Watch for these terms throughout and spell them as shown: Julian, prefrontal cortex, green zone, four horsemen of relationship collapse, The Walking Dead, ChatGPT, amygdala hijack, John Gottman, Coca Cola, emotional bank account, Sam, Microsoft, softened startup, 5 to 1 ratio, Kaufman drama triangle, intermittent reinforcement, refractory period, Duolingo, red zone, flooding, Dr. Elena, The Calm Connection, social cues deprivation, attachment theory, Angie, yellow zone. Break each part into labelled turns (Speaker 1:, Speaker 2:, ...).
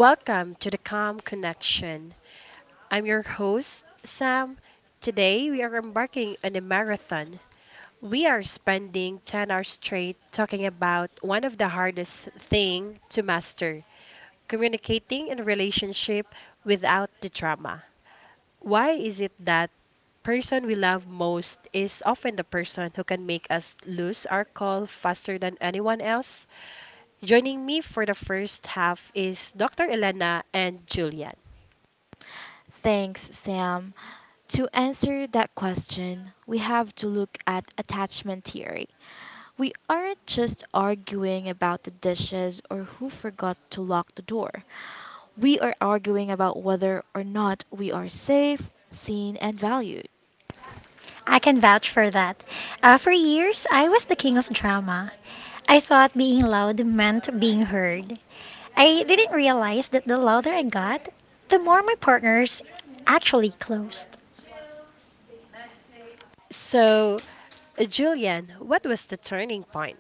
Speaker 1: Welcome to the Calm Connection. I'm your host, Sam. Today we are embarking on a marathon. We are spending 10 hours straight talking about one of the hardest thing to master, communicating in a relationship without the drama. Why is it that person we love most is often the person who can make us lose our call faster than anyone else? Joining me for the first half is Dr. Elena and Julian.
Speaker 2: Thanks, Sam. To answer that question, we have to look at attachment theory. We aren't just arguing about the dishes or who forgot to lock the door. We are arguing about whether or not we are safe, seen, and valued.
Speaker 3: I can vouch for that. For years, I was the king of drama. I thought being loud meant being heard. I didn't realize that the louder I got, the more my partners actually closed.
Speaker 1: So, Julian, what was the turning point?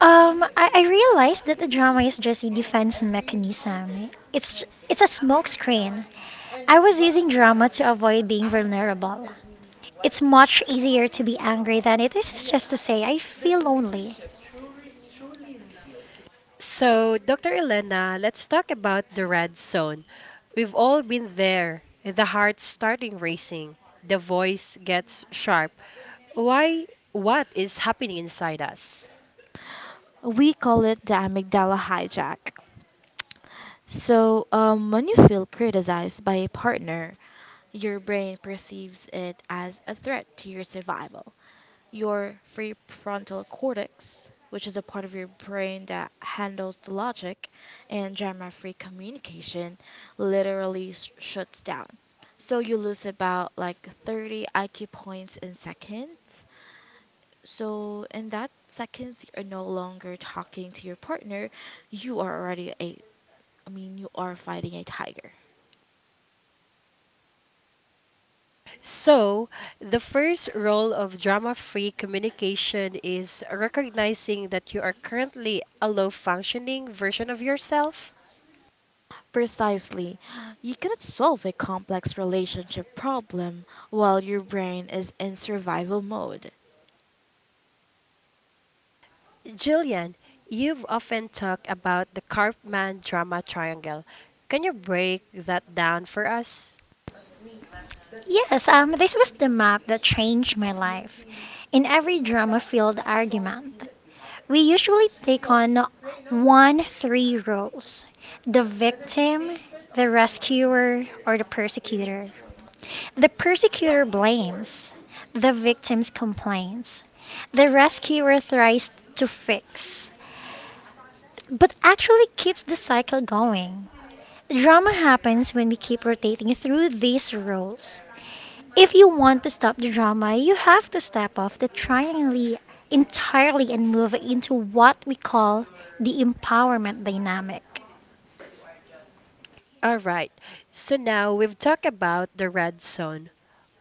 Speaker 3: I realized that the drama is just a defense mechanism. It's a smokescreen. I was using drama to avoid being vulnerable. It's much easier to be angry than it is just to say I feel lonely.
Speaker 1: So, Dr. Elena, let's talk about the red zone. We've all been there. The heart starting racing, the voice gets sharp. Why? What is happening inside us?
Speaker 2: We call it the amygdala hijack. So, when you feel criticized by a partner, your brain perceives it as a threat to your survival. Your prefrontal cortex, which is a part of your brain that handles the logic and drama free communication, literally shuts down. So you lose about like 30 IQ points in seconds. So in that seconds, you're no longer talking to your partner. You are already I mean, you are fighting a tiger.
Speaker 1: So, the first role of drama free communication is recognizing that you are currently a low functioning version of yourself.
Speaker 2: Precisely. You cannot solve a complex relationship problem while your brain is in survival mode.
Speaker 1: Julian, you've often talked about the Kaufman drama triangle. Can you break that down for us?
Speaker 3: Yes, this was the map that changed my life. In every drama filled argument, we usually take on one three roles the victim, the rescuer, or the persecutor. The persecutor blames, the victim complains, the rescuer tries to fix, but actually keeps the cycle going. Drama happens when we keep rotating through these roles. If you want to stop the drama, you have to step off the triangle entirely and move into what we call the empowerment dynamic.
Speaker 1: All right. So now we've talked about the red zone,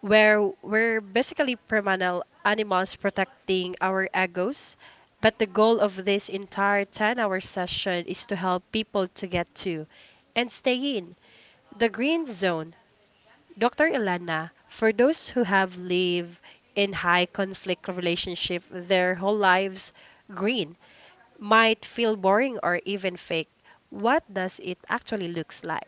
Speaker 1: where we're basically primal animals protecting our egos. But the goal of this entire 10-hour session is to help people to get to and stay in the green zone. Dr. Ilana, for those who have lived in high conflict relationship their whole lives, green might feel boring or even fake. What does it actually looks like?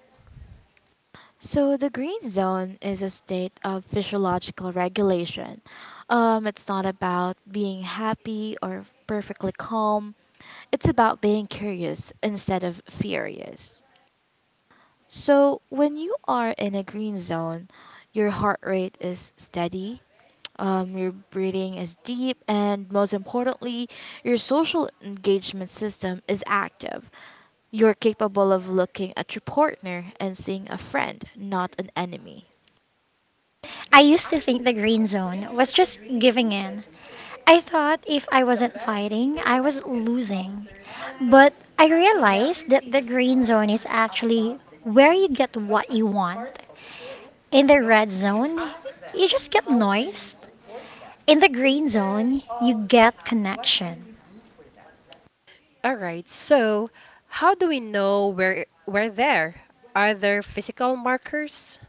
Speaker 2: So the green zone is a state of physiological regulation. It's not about being happy or perfectly calm. It's about being curious instead of furious. So when you are in a green zone, your heart rate is steady. Your breathing is deep, and most importantly, your social engagement system is active. You're capable of looking at your partner and seeing a friend, not an enemy.
Speaker 3: I used to think the green zone was just giving in. I thought if I wasn't fighting, I was losing. But I realized that the green zone is actually where you get what you want. In the red zone, you just get noise. In the green zone, you get connection.
Speaker 1: All right, so how do we know we're there? Are there physical markers?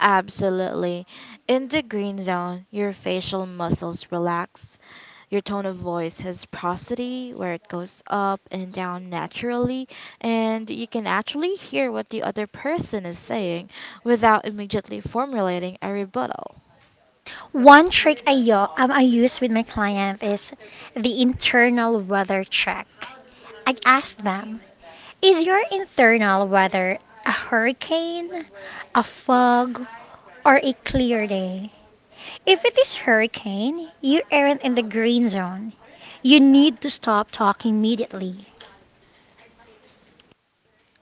Speaker 2: Absolutely. In the green zone, your facial muscles relax, your tone of voice has prosody where it goes up and down naturally, and you can actually hear what the other person is saying without immediately formulating a rebuttal.
Speaker 3: One trick I use with my client is the internal weather check. I ask them, is your internal weather a hurricane, a fog, or a clear day? If it is hurricane, you aren't in the green zone. You need to stop talking immediately.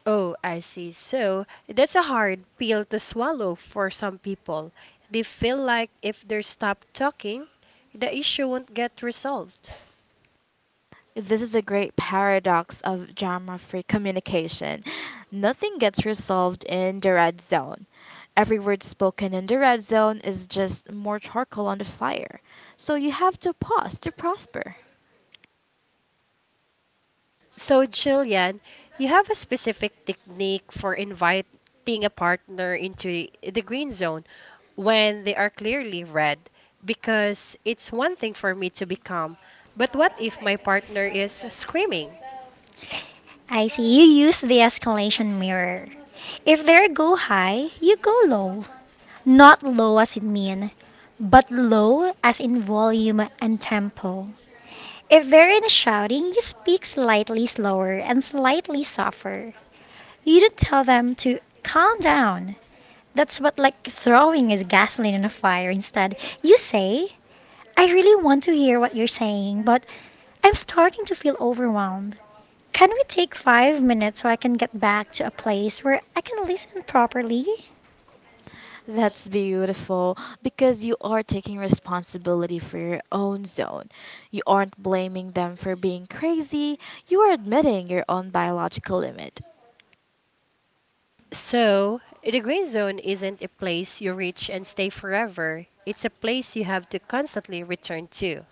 Speaker 1: Oh, I see. So that's a hard pill to swallow for some people. They feel like if they stop talking, the issue won't get resolved.
Speaker 2: This is a great paradox of drama free communication. Nothing gets resolved in the red zone. Every word spoken in the red zone is just more charcoal on the fire. So you have to pause to prosper.
Speaker 1: So, Jillian, you have a specific technique for inviting a partner into the green zone when they are clearly red, because it's one thing for me to be calm, but what if my partner is screaming?
Speaker 3: I see you use the escalation mirror. If they go high, you go low. Not low as in mean, but low as in volume and tempo. If they're in a shouting, you speak slightly slower and slightly softer. You don't tell them to calm down. That's what like throwing is gasoline on a fire. Instead, you say, I really want to hear what you're saying, but I'm starting to feel overwhelmed. Can we take 5 minutes so I can get back to a place where I can listen properly?
Speaker 2: That's beautiful because you are taking responsibility for your own zone. You aren't blaming them for being crazy, you are admitting your own biological limit.
Speaker 1: So, the green zone isn't a place you reach and stay forever. It's a place you have to constantly return to.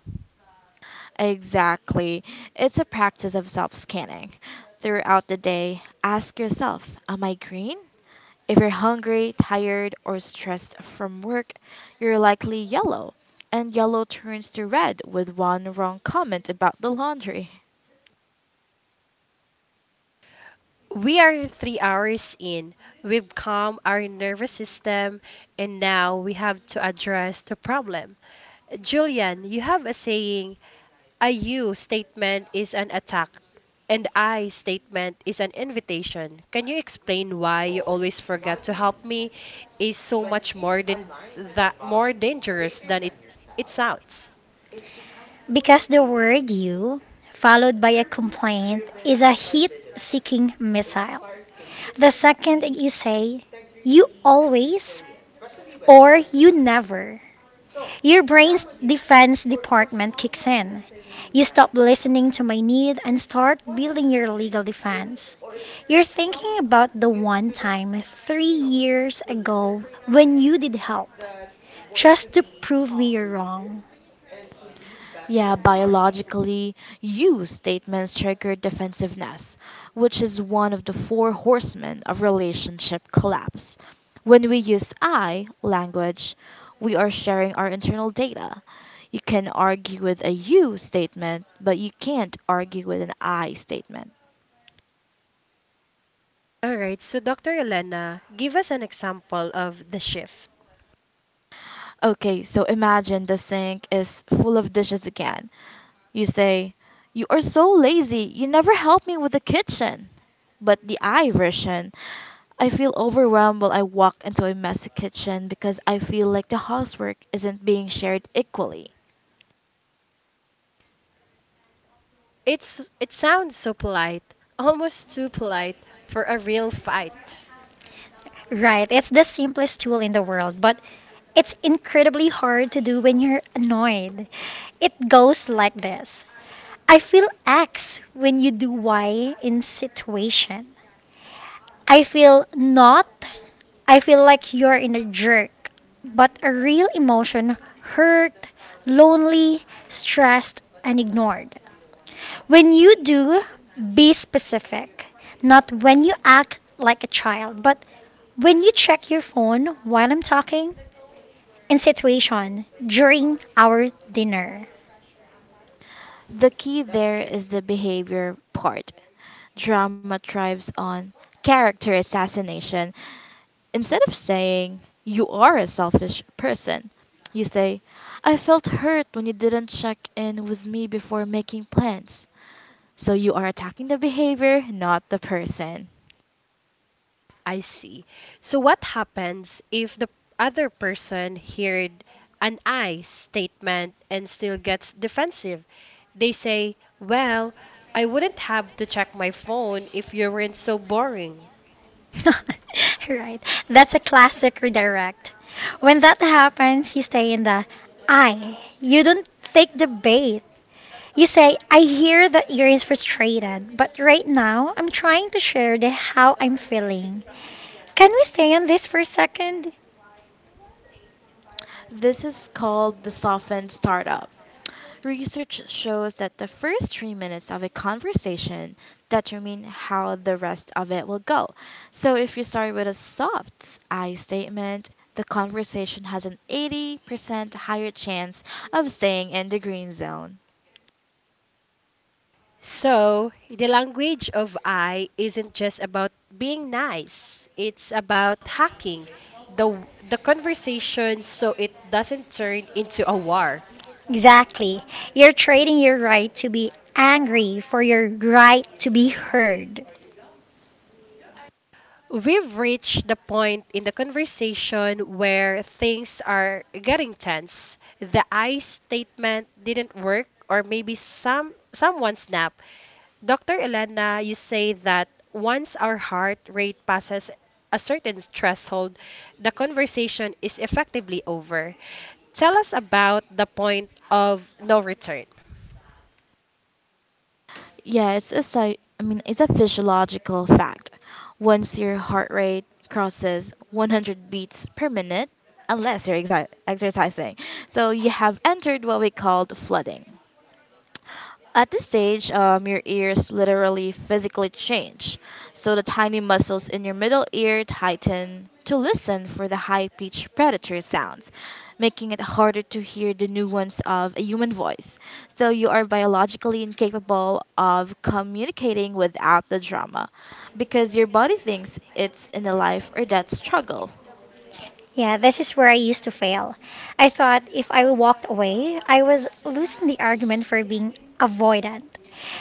Speaker 2: Exactly. It's a practice of self scanning. Throughout the day, ask yourself: Am I green? If you're hungry, tired, or stressed from work, you're likely yellow. And yellow turns to red with one wrong comment about the laundry.
Speaker 1: We are 3 hours in. We've calmed our nervous system, and now we have to address the problem. Julian, you have a saying, a you statement is an attack, and I statement is an invitation. Can you explain why you always forget to help me is so much more than that, more dangerous than it sounds?
Speaker 3: Because the word you, followed by a complaint, is a heat seeking missile. The second you say, you always or you never, your brain's defense department kicks in. You stop listening to my need and start building your legal defense. You're thinking about the one time 3 years ago when you did help, just to prove me you're wrong.
Speaker 2: Yeah, biologically, you statements trigger defensiveness, which is one of the four horsemen of relationship collapse. When we use I language, we are sharing our internal data. You can argue with a you statement, but you can't argue with an I statement.
Speaker 1: All right, so Dr. Elena, give us an example of the shift.
Speaker 2: Okay, so imagine the sink is full of dishes again. You say, "You are so lazy, you never help me with the kitchen." But the I version: I feel overwhelmed while I walk into a messy kitchen because I feel like the housework isn't being shared equally.
Speaker 1: It sounds so polite, almost too polite for a real fight.
Speaker 3: Right, it's the simplest tool in the world, but it's incredibly hard to do when you're annoyed. It goes like this. I feel X when you do Y in situation. I feel not. I feel like you're in a jerk, but a real emotion hurt, lonely, stressed, and ignored. When you do, be specific. Not when you act like a child, but when you check your phone while I'm talking, in situation, during our dinner.
Speaker 2: The key there is the behavior part. Drama thrives on character assassination. Instead of saying, "You are a selfish person," you say, "I felt hurt when you didn't check in with me before making plans." So you are attacking the behavior, not the person.
Speaker 1: I see. So what happens if the other person heard an I statement and still gets defensive? They say, "Well, I wouldn't have to check my phone if you weren't so boring."
Speaker 3: Right. That's a classic redirect. When that happens, you stay in the I. You don't take the bait. You say, I hear that you're frustrated, but right now I'm trying to share the how I'm feeling. Can we stay on this for a second?
Speaker 2: This is called the softened startup. Research shows that the first 3 minutes of a conversation determine how the rest of it will go. So if you start with a soft I statement, the conversation has an 80% higher chance of staying in the green zone.
Speaker 1: So, the language of I isn't just about being nice. It's about hacking the conversation so it doesn't turn into a war.
Speaker 3: Exactly. You're trading your right to be angry for your right to be heard.
Speaker 1: We've reached the point in the conversation where things are getting tense. The I statement didn't work, or maybe someone snapped. Dr. Elena, you say that once our heart rate passes a certain threshold, the conversation is effectively over. Tell us about the point of no return.
Speaker 2: Yeah, it's I mean, it's a physiological fact. Once your heart rate crosses 100 beats per minute, unless you're exercising, so you have entered what we called flooding. At this stage, your ears literally physically change. So the tiny muscles in your middle ear tighten to listen for the high pitched predator sounds, making it harder to hear the nuance of a human voice. So you are biologically incapable of communicating without the drama because your body thinks it's in a life or death struggle.
Speaker 3: Yeah, this is where I used to fail. I thought if I walked away, I was losing the argument for being avoidant.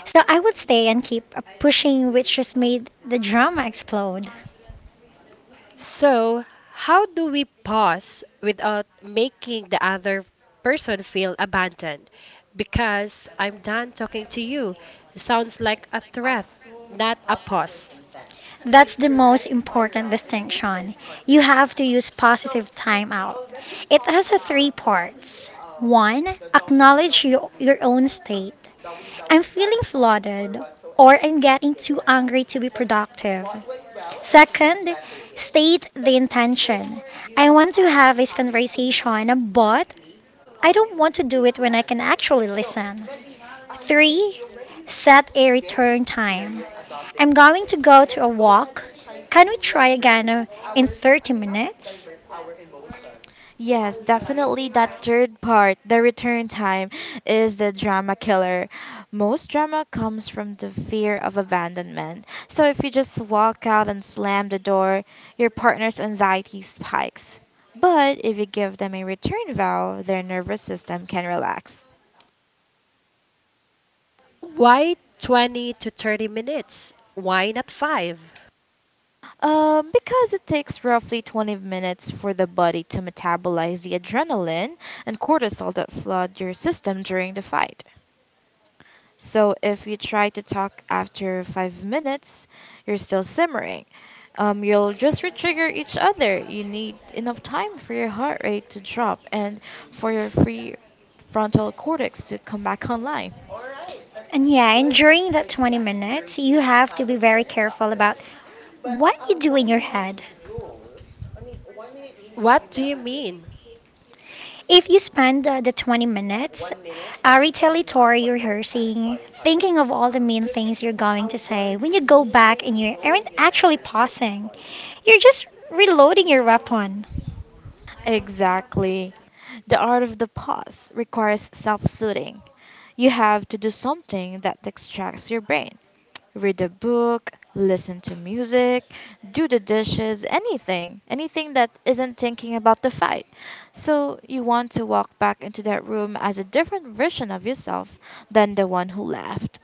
Speaker 3: So I would stay and keep pushing, which just made the drama explode.
Speaker 1: So, how do we pause without making the other person feel abandoned? Because I'm done talking to you sounds like a threat, not a pause.
Speaker 3: That's the most important distinction. You have to use positive time out. It has a three parts. One, acknowledge your own state. I'm feeling flooded, or I'm getting too angry to be productive. Second, state the intention. I want to have this conversation, but I don't want to do it when I can actually listen. 3. Set a return time. I'm going to go to a walk. Can we try again in 30 minutes?
Speaker 2: Yes, definitely that third part, the return time, is the drama killer. Most drama comes from the fear of abandonment. So if you just walk out and slam the door, your partner's anxiety spikes. But if you give them a return vow, their nervous system can relax.
Speaker 1: Why 20 to 30 minutes? Why not 5?
Speaker 2: Because it takes roughly 20 minutes for the body to metabolize the adrenaline and cortisol that flood your system during the fight. So if you try to talk after 5 minutes, you're still simmering. You'll just retrigger each other. You need enough time for your heart rate to drop and for your free frontal cortex to come back online.
Speaker 3: And yeah, and during that 20 minutes, you have to be very careful about what you do in your head.
Speaker 1: What do you mean?
Speaker 3: If you spend the 20 minutes retaliatory rehearsing, thinking of all the mean things you're going to say, when you go back and you aren't actually pausing, you're just reloading your weapon.
Speaker 2: Exactly. The art of the pause requires self soothing. You have to do something that distracts your brain: read a book, listen to music, do the dishes, anything, anything that isn't thinking about the fight. So you want to walk back into that room as a different version of yourself than the one who left.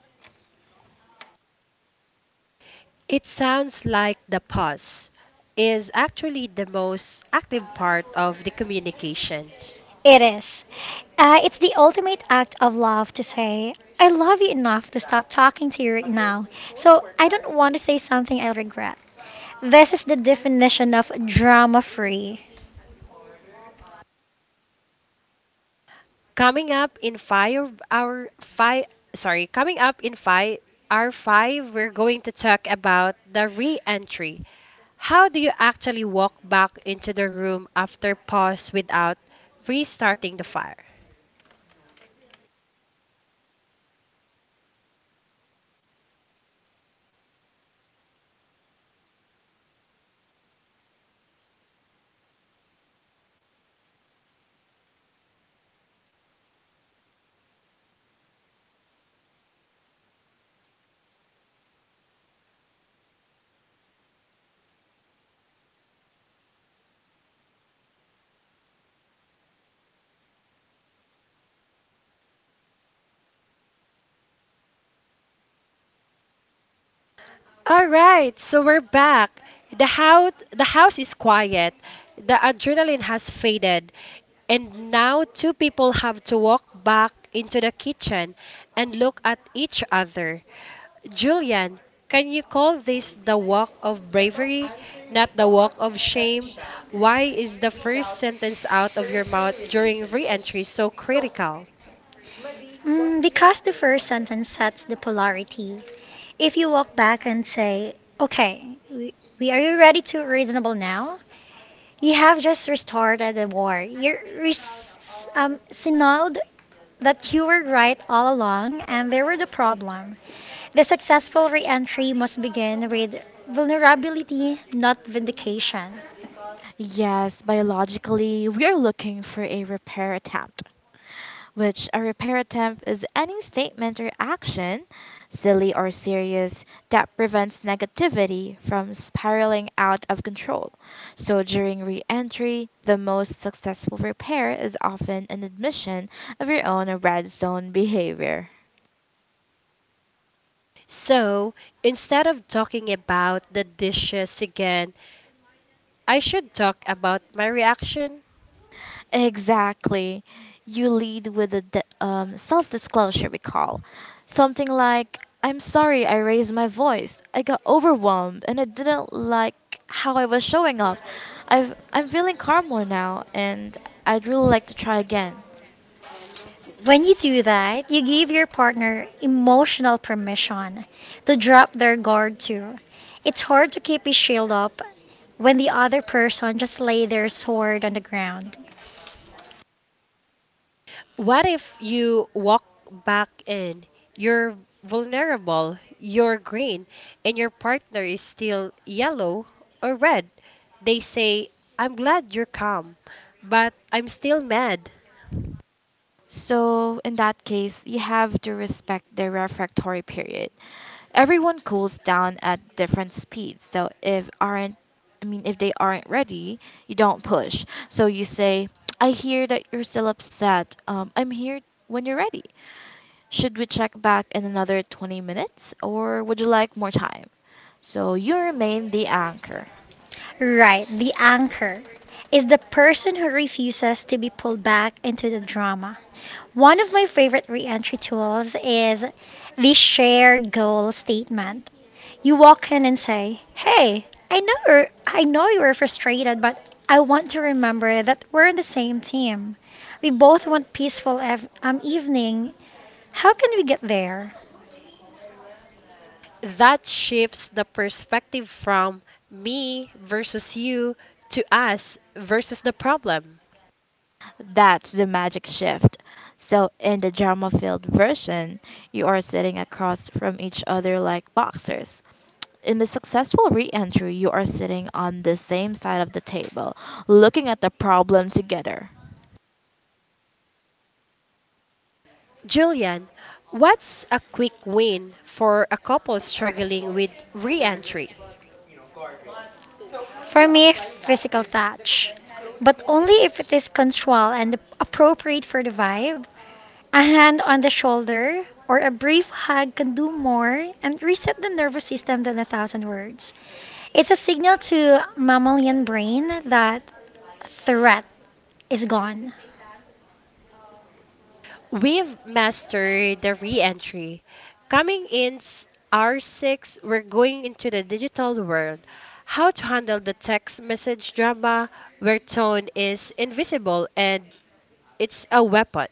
Speaker 1: It sounds like the pause is actually the most active part of the communication.
Speaker 3: It is. It's the ultimate act of love to say, I love you enough to stop talking to you right now, so I don't want to say something I regret. This is the definition of drama free.
Speaker 1: Coming up in five our five coming up in five our five, we're going to talk about the re-entry. How do you actually walk back into the room after pause without restarting the fire? All right, so we're back. The house is quiet. The adrenaline has faded, and now two people have to walk back into the kitchen and look at each other. Julian, can you call this the walk of bravery, not the walk of shame? Why is the first sentence out of your mouth during re-entry so critical?
Speaker 3: Mm, because the first sentence sets the polarity. If you walk back and say, okay, we are you ready to reasonable now? You have just restarted the war. You're res- signaled that you were right all along and they were the problem. The successful re-entry must begin with vulnerability, not vindication.
Speaker 2: Yes, biologically, we are looking for a repair attempt, which a repair attempt is any statement or action, silly or serious, that prevents negativity from spiraling out of control. So during re entry, the most successful repair is often an admission of your own red zone behavior.
Speaker 1: So, instead of talking about the dishes again, I should talk about my reaction.
Speaker 2: Exactly. You lead with a d self-disclosure recall. Something like, "I'm sorry I raised my voice. I got overwhelmed and I didn't like how I was showing up. I'm feeling calmer now and I'd really like to try again."
Speaker 3: When you do that, you give your partner emotional permission to drop their guard too. It's hard to keep a shield up when the other person just lay their sword on the ground.
Speaker 1: What if you walk back in? You're vulnerable, you're green, and your partner is still yellow or red. They say, "I'm glad you're calm, but I'm still mad."
Speaker 2: So, in that case, you have to respect the refractory period. Everyone cools down at different speeds. So if aren't I mean, if they aren't ready, you don't push. So you say, "I hear that you're still upset. I'm here when you're ready. Should we check back in another 20 minutes or would you like more time?" So you remain the anchor.
Speaker 3: Right, the anchor is the person who refuses to be pulled back into the drama. One of my favorite re entry tools is the shared goal statement. You walk in and say, "Hey, I know you're, I know you were frustrated, but I want to remember that we're on the same team. We both want peaceful evening. How can we get there?"
Speaker 1: That shifts the perspective from me versus you to us versus the problem.
Speaker 2: That's the magic shift. So in the drama-filled version, you are sitting across from each other like boxers. In the successful re-entry, you are sitting on the same side of the table looking at the problem together.
Speaker 1: Julian, what's a quick win for a couple struggling with re entry?
Speaker 3: For me, physical touch, but only if it is consensual and appropriate for the vibe. A hand on the shoulder or a brief hug can do more and reset the nervous system than 1,000 words. It's a signal to mammalian brain that threat is gone.
Speaker 1: We've mastered the re-entry. Coming in R6, we're going into the digital world. How to handle the text message drama where tone is invisible and it's a weapon.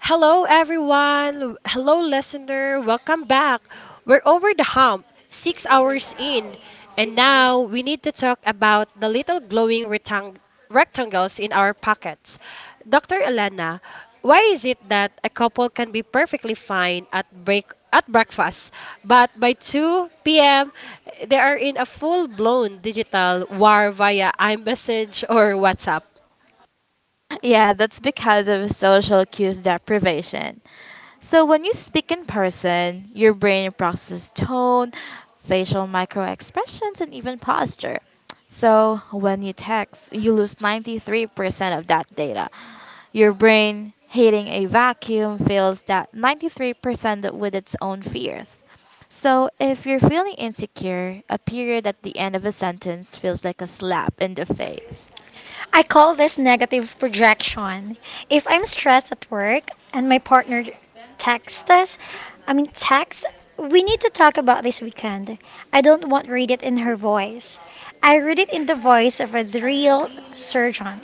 Speaker 1: Hello, everyone. Hello, listener. Welcome back. We're over the hump, 6 hours in, and now we need to talk about the little glowing rectangles in our pockets. Dr. Elena, why is it that a couple can be perfectly fine at breakfast, but by 2 p.m. they are in a full-blown digital war via iMessage or WhatsApp?
Speaker 2: Yeah, that's because of social cues deprivation. So when you speak in person, your brain processes tone, facial microexpressions, and even posture. So when you text, you lose 93% of that data. Your brain, hitting a vacuum, fills that 93% with its own fears. So, if you're feeling insecure, a period at the end of a sentence feels like a slap in the face.
Speaker 3: I call this negative projection. If I'm stressed at work and my partner texts us, I mean texts, we need to talk about this weekend. I don't want read it in her voice. I read it in the voice of a real surgeon.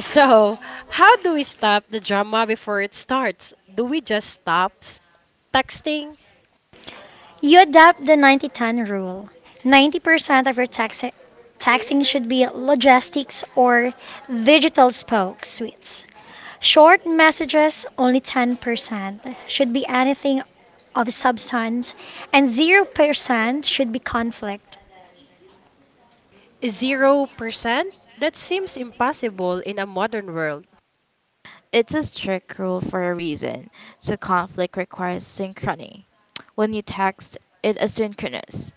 Speaker 1: So, how do we stop the drama before it starts? Do we just stop texting?
Speaker 3: You adopt the 90-10 rule. 90% of your taxing should be logistics or digital spoke suites. Short messages, only 10%, should be anything of substance, and 0% should be conflict.
Speaker 1: 0%? That seems impossible in a modern world.
Speaker 2: It's a strict rule for a reason, so conflict requires synchrony. When you text, it is synchronous.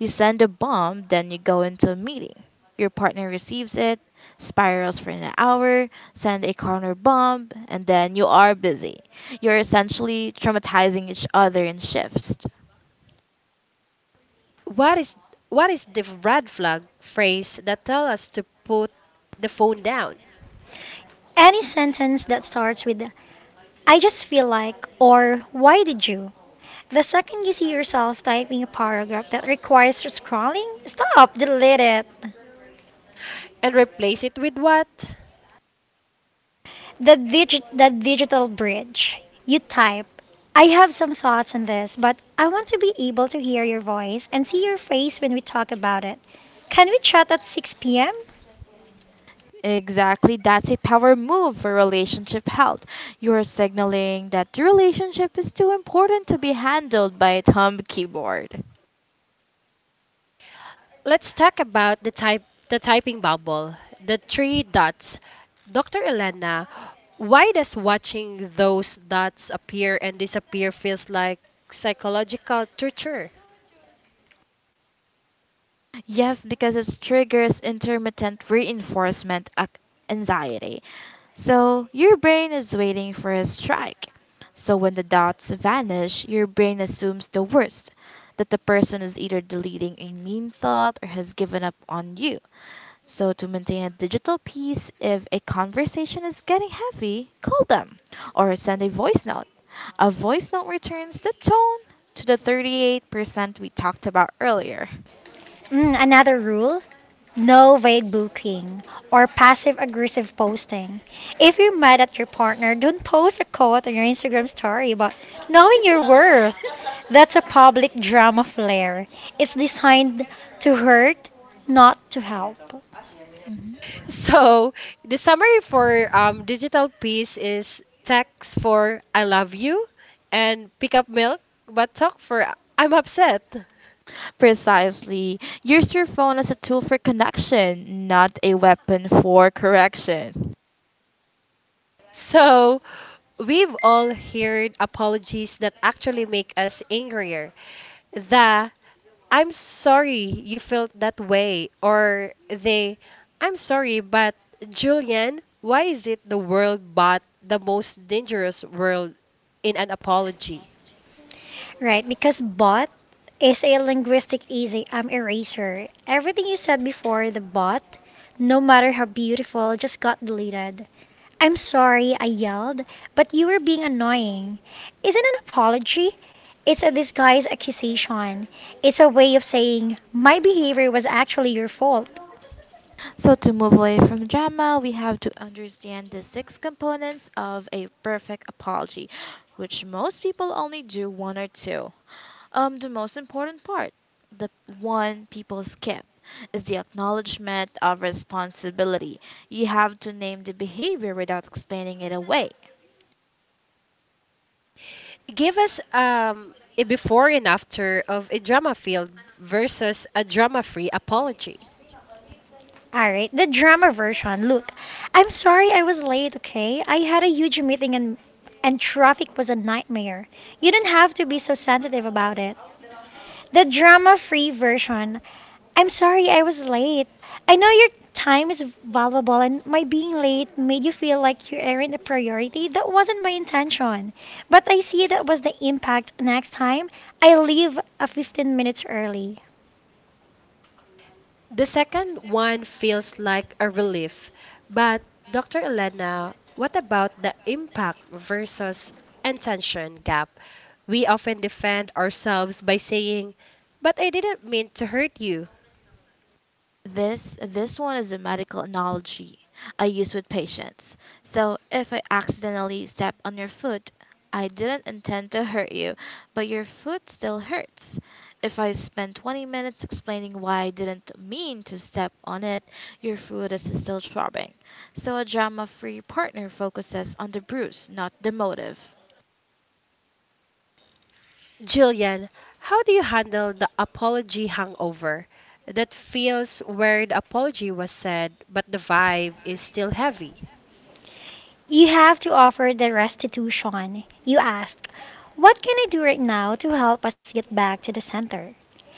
Speaker 2: You send a bomb, then you go into a meeting. Your partner receives it, spirals for an hour, send a corner bomb, and then you are busy. You're essentially traumatizing each other in shifts.
Speaker 1: What is what is the red flag phrase that tell us to put the phone down
Speaker 3: Any sentence that starts with, I just feel like, or why did you? The second you see yourself typing a paragraph that requires scrolling, stop, delete it.
Speaker 1: and replace it with what?
Speaker 3: The digital bridge. You type, I have some thoughts on this, but I want to be able to hear your voice and see your face when we talk about it. Can we chat at 6 p.m.?
Speaker 2: Exactly, that's a power move for relationship health. You are signaling that the relationship is too important to be handled by a thumb keyboard.
Speaker 1: Let's talk about the typing bubble, the three dots. Dr. Elena, why does watching those dots appear and disappear feels like psychological torture?
Speaker 2: Yes, because it triggers intermittent reinforcement anxiety. So your brain is waiting for a strike. So when the dots vanish, your brain assumes the worst, that the person is either deleting a mean thought or has given up on you. So to maintain a digital peace, if a conversation is getting heavy, call them or send a voice note. A voice note returns the tone to the 38% we talked about earlier.
Speaker 3: Mm, another rule no vague booking or passive aggressive posting. If you're mad at your partner, don't post a quote on your Instagram story about knowing your worth. That's a public drama flare. It's designed to hurt, not to help.
Speaker 1: So, the summary for digital peace is text for I love you and pick up milk, but talk for I'm upset.
Speaker 2: Precisely. Use your phone as a tool for connection, not a weapon for correction.
Speaker 1: So, we've all heard apologies that actually make us angrier. The "I'm sorry you felt that way," or they, "I'm sorry, but" — Julian, why is it the world but the most dangerous world in an apology?
Speaker 3: Right, because bot is a linguistic easy eraser. Everything you said before the bot, no matter how beautiful, just got deleted. I'm sorry, I yelled, but you were being annoying. Isn't an apology? It's a disguised accusation. It's a way of saying my behavior was actually your fault.
Speaker 2: So, to move away from drama, we have to understand the six components of a perfect apology, which most people only do one or two. The most important part, the one people skip, is the acknowledgement of responsibility. You have to name the behavior without explaining it away.
Speaker 1: Give us a before and after of a drama filled versus a drama free apology.
Speaker 3: Alright, the drama version. Look, I'm sorry I was late, okay? I had a huge meeting and traffic was a nightmare. You don't have to be so sensitive about it. The drama free version. I'm sorry I was late. I know your time is valuable, and my being late made you feel like you aren't a priority. That wasn't my intention. But I see that was the impact. Next time, I leave a 15 minutes early.
Speaker 1: The second one feels like a relief, but Dr. Elena, what about the impact versus intention gap? We often defend ourselves by saying, but I didn't mean to hurt you.
Speaker 2: This one is a medical analogy I use with patients. So if I accidentally step on your foot, I didn't intend to hurt you, but your foot still hurts. If I spend 20 minutes explaining why I didn't mean to step on it, your foot is still throbbing. So a drama-free partner focuses on the bruise, not the motive.
Speaker 1: Jillian, how do you handle the apology hangover that feels where the apology was said, but the vibe is still heavy?
Speaker 3: You have to offer the restitution. You ask, what can I do right now to help us get back to the center?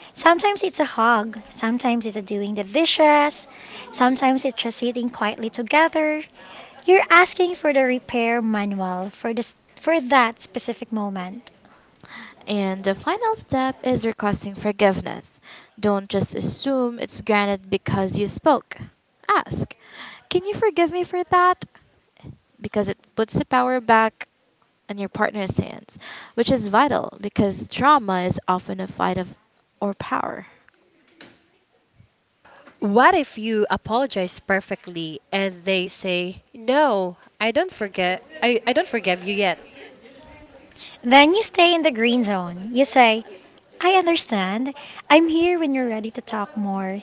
Speaker 3: Sometimes it's a hug, sometimes it's a doing the dishes, sometimes it's just sitting quietly together. You're asking for the repair manual for this for that specific moment.
Speaker 2: And the final step is requesting forgiveness. Don't just assume it's granted because you spoke. Ask, "Can you forgive me for that?" Because it puts the power back in your partner's hands, which is vital because trauma is often a fight of or power.
Speaker 1: What if you apologize perfectly and they say, "No, I don't forget. I don't forgive you yet."
Speaker 3: Then you stay in the green zone. You say, "I understand. I'm here when you're ready to talk more."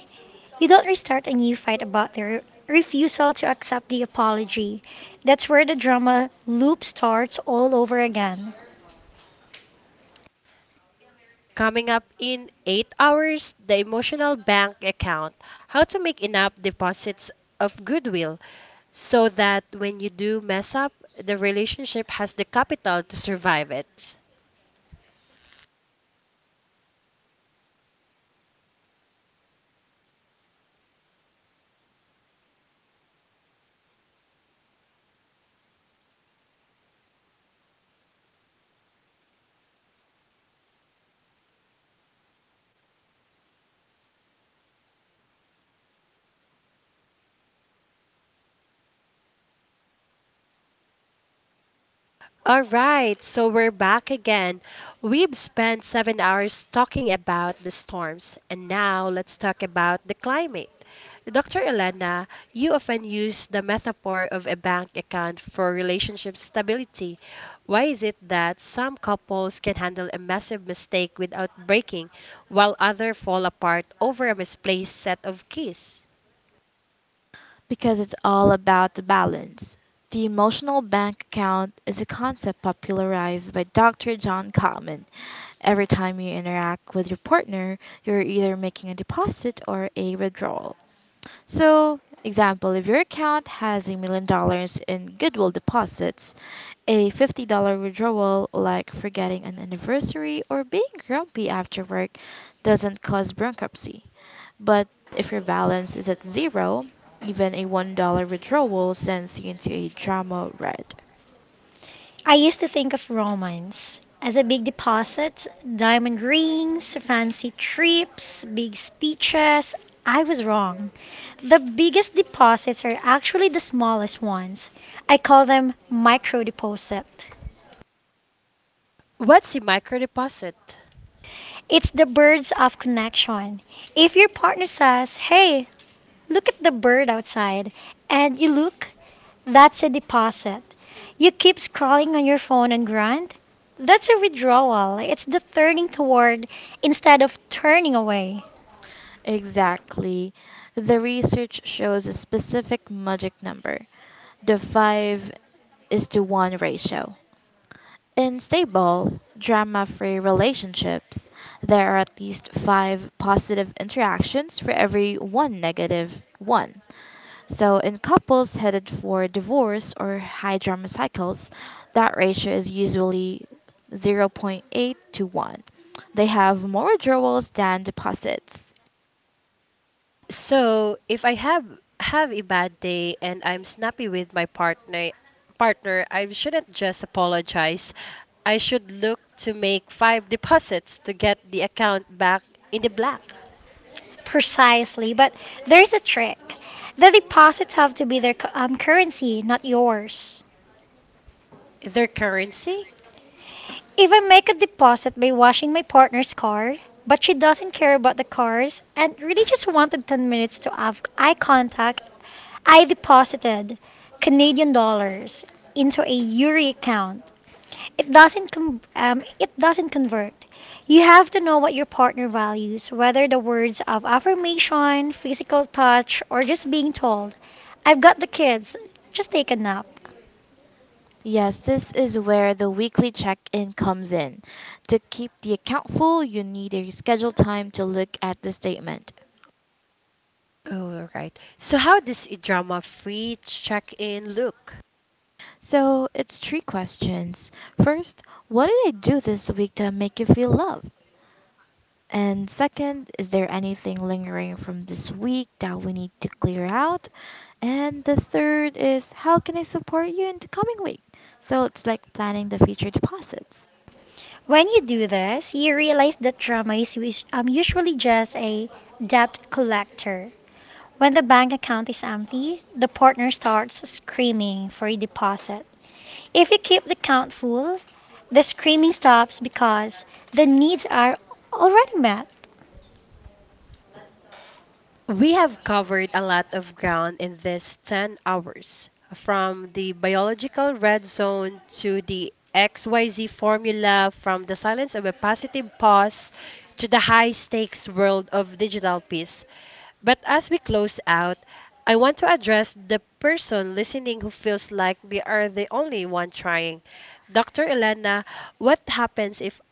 Speaker 3: You don't restart a new fight about their refusal to accept the apology. That's where the drama loop starts all over again.
Speaker 1: Coming up in 8 hours, the emotional bank account. How to make enough deposits of goodwill so that when you do mess up, the relationship has the capital to survive it. All right, so we're back again. We've spent 7 hours talking about the storms, and now let's talk about the climate. Dr. Elena, you often use the metaphor of a bank account for relationship stability. Why is it that some couples can handle a massive mistake without breaking, while others fall apart over a misplaced set of keys?
Speaker 2: Because it's all about the balance. The emotional bank account is a concept popularized by Dr. John Gottman. Every time you interact with your partner, you're either making a deposit or a withdrawal. So, example, if your account has $1 million in goodwill deposits, a $50 withdrawal, like forgetting an anniversary or being grumpy after work, doesn't cause bankruptcy. But if your balance is at zero, even a $1 withdrawal sends you into a drama red.
Speaker 3: I used to think of romance as a big deposit, diamond rings, fancy trips, big speeches. I was wrong. The biggest deposits are actually the smallest ones. I call them micro deposit.
Speaker 1: What's a microdeposit?
Speaker 3: It's the birds of connection. If your partner says, "Hey, look at the bird outside," and you look, that's a deposit. You keep scrolling on your phone and grunt, that's a withdrawal. It's the turning toward instead of turning away.
Speaker 2: Exactly. The research shows a specific magic number: the 5 is to 1 ratio. In stable, drama free relationships, there are at least five positive interactions for every one negative one. So, in couples headed for divorce or high drama cycles, that ratio is usually 0. 0.8 to 1. They have more withdrawals than deposits.
Speaker 1: So if I have a bad day and I'm snappy with my partner, I shouldn't just apologize. I should look to make five deposits to get the account back in the black.
Speaker 3: Precisely, but there's a trick. The deposits have to be their currency, not yours.
Speaker 1: Their currency?
Speaker 3: If I make a deposit by washing my partner's car, but she doesn't care about the cars and really just wanted 10 minutes to have eye contact, I deposited Canadian dollars into a Yuri account. It doesn't convert. You have to know what your partner values, whether the words of affirmation, physical touch, or just being told, I've got the kids, just take a nap.
Speaker 2: Yes, this is where the weekly check in comes in. To keep the account full, you need a scheduled time to look at the statement.
Speaker 1: Oh, all right. So how does a drama-free check-in look?
Speaker 2: So it's three questions. First, what did I do this week to make you feel loved? And second, is there anything lingering from this week that we need to clear out? And the third is, how can I support you in the coming week? So it's like planning the future deposits.
Speaker 3: When you do this, you realize that drama is usually just a debt collector. When the bank account is empty, the partner starts screaming for a deposit. If you keep the account full, the screaming stops because the needs are already met.
Speaker 1: We have covered a lot of ground in these 10 hours, from the biological red zone to the XYZ formula, from the silence of a positive pause to the high stakes world of digital peace. But as we close out, I want to address the person listening who feels like they are the only one trying. Dr. Elena, what happens if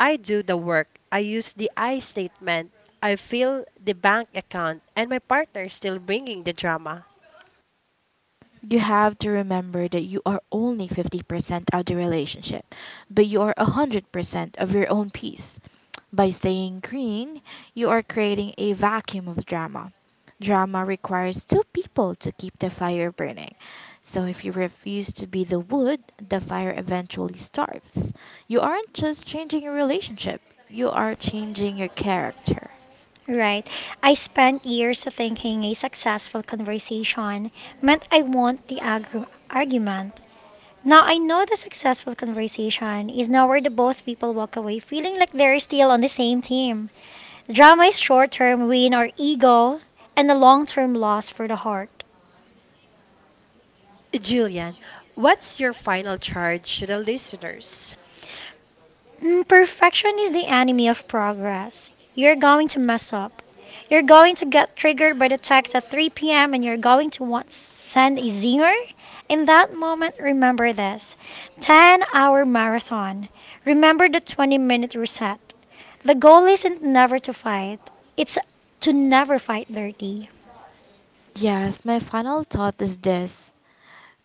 Speaker 1: I do the work? I use the I statement. I fill the bank account, and my partner is still bringing the drama.
Speaker 2: You have to remember that you are only 50% of the relationship, but you are 100% of your own peace. By staying green, you are creating a vacuum of drama. Drama requires two people to keep the fire burning. So if you refuse to be the wood, the fire eventually starves. You aren't just changing your relationship, you are changing your character.
Speaker 3: Right. I spent years thinking a successful conversation meant I won the argument. Now, I know the successful conversation is now where the both people walk away feeling like they're still on the same team. Drama is short term win or ego, and a long term loss for the heart.
Speaker 1: Julian, what's your final charge to the listeners?
Speaker 3: Mm, perfection is the enemy of progress. You're going to mess up. You're going to get triggered by the text at 3 p.m. and you're going to want to send a zinger. In that moment, remember this 10-hour marathon. Remember the 20-minute reset. The goal isn't never to fight, it's to never fight dirty.
Speaker 2: Yes, my final thought is this: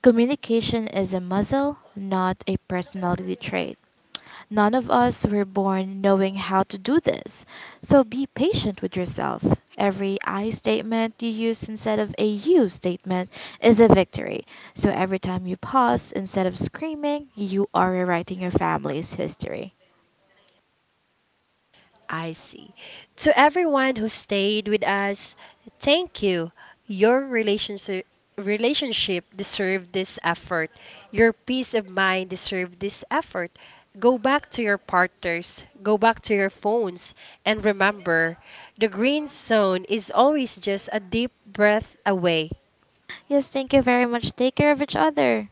Speaker 2: Communication is a muscle, not a personality trait. None of us were born knowing how to do this. So be patient with yourself. Every I statement you use instead of a you statement is a victory. So every time you pause instead of screaming, you are rewriting your family's history.
Speaker 1: I see. To everyone who stayed with us, thank you. Your relationship deserved this effort. Your peace of mind deserved this effort. Go back to your partners, go back to your phones, and remember the green zone is always just a deep breath away.
Speaker 2: Yes, thank you very much. Take care of each other.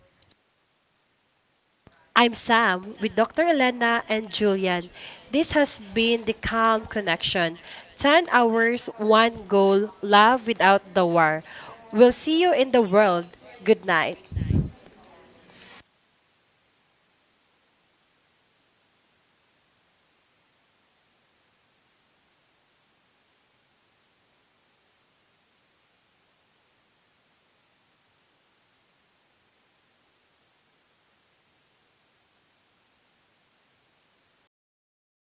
Speaker 1: I'm Sam with Dr. Elena and Julian. This has been The Calm Connection: 10 hours, one goal, love without the war. We'll see you in the world. Good night.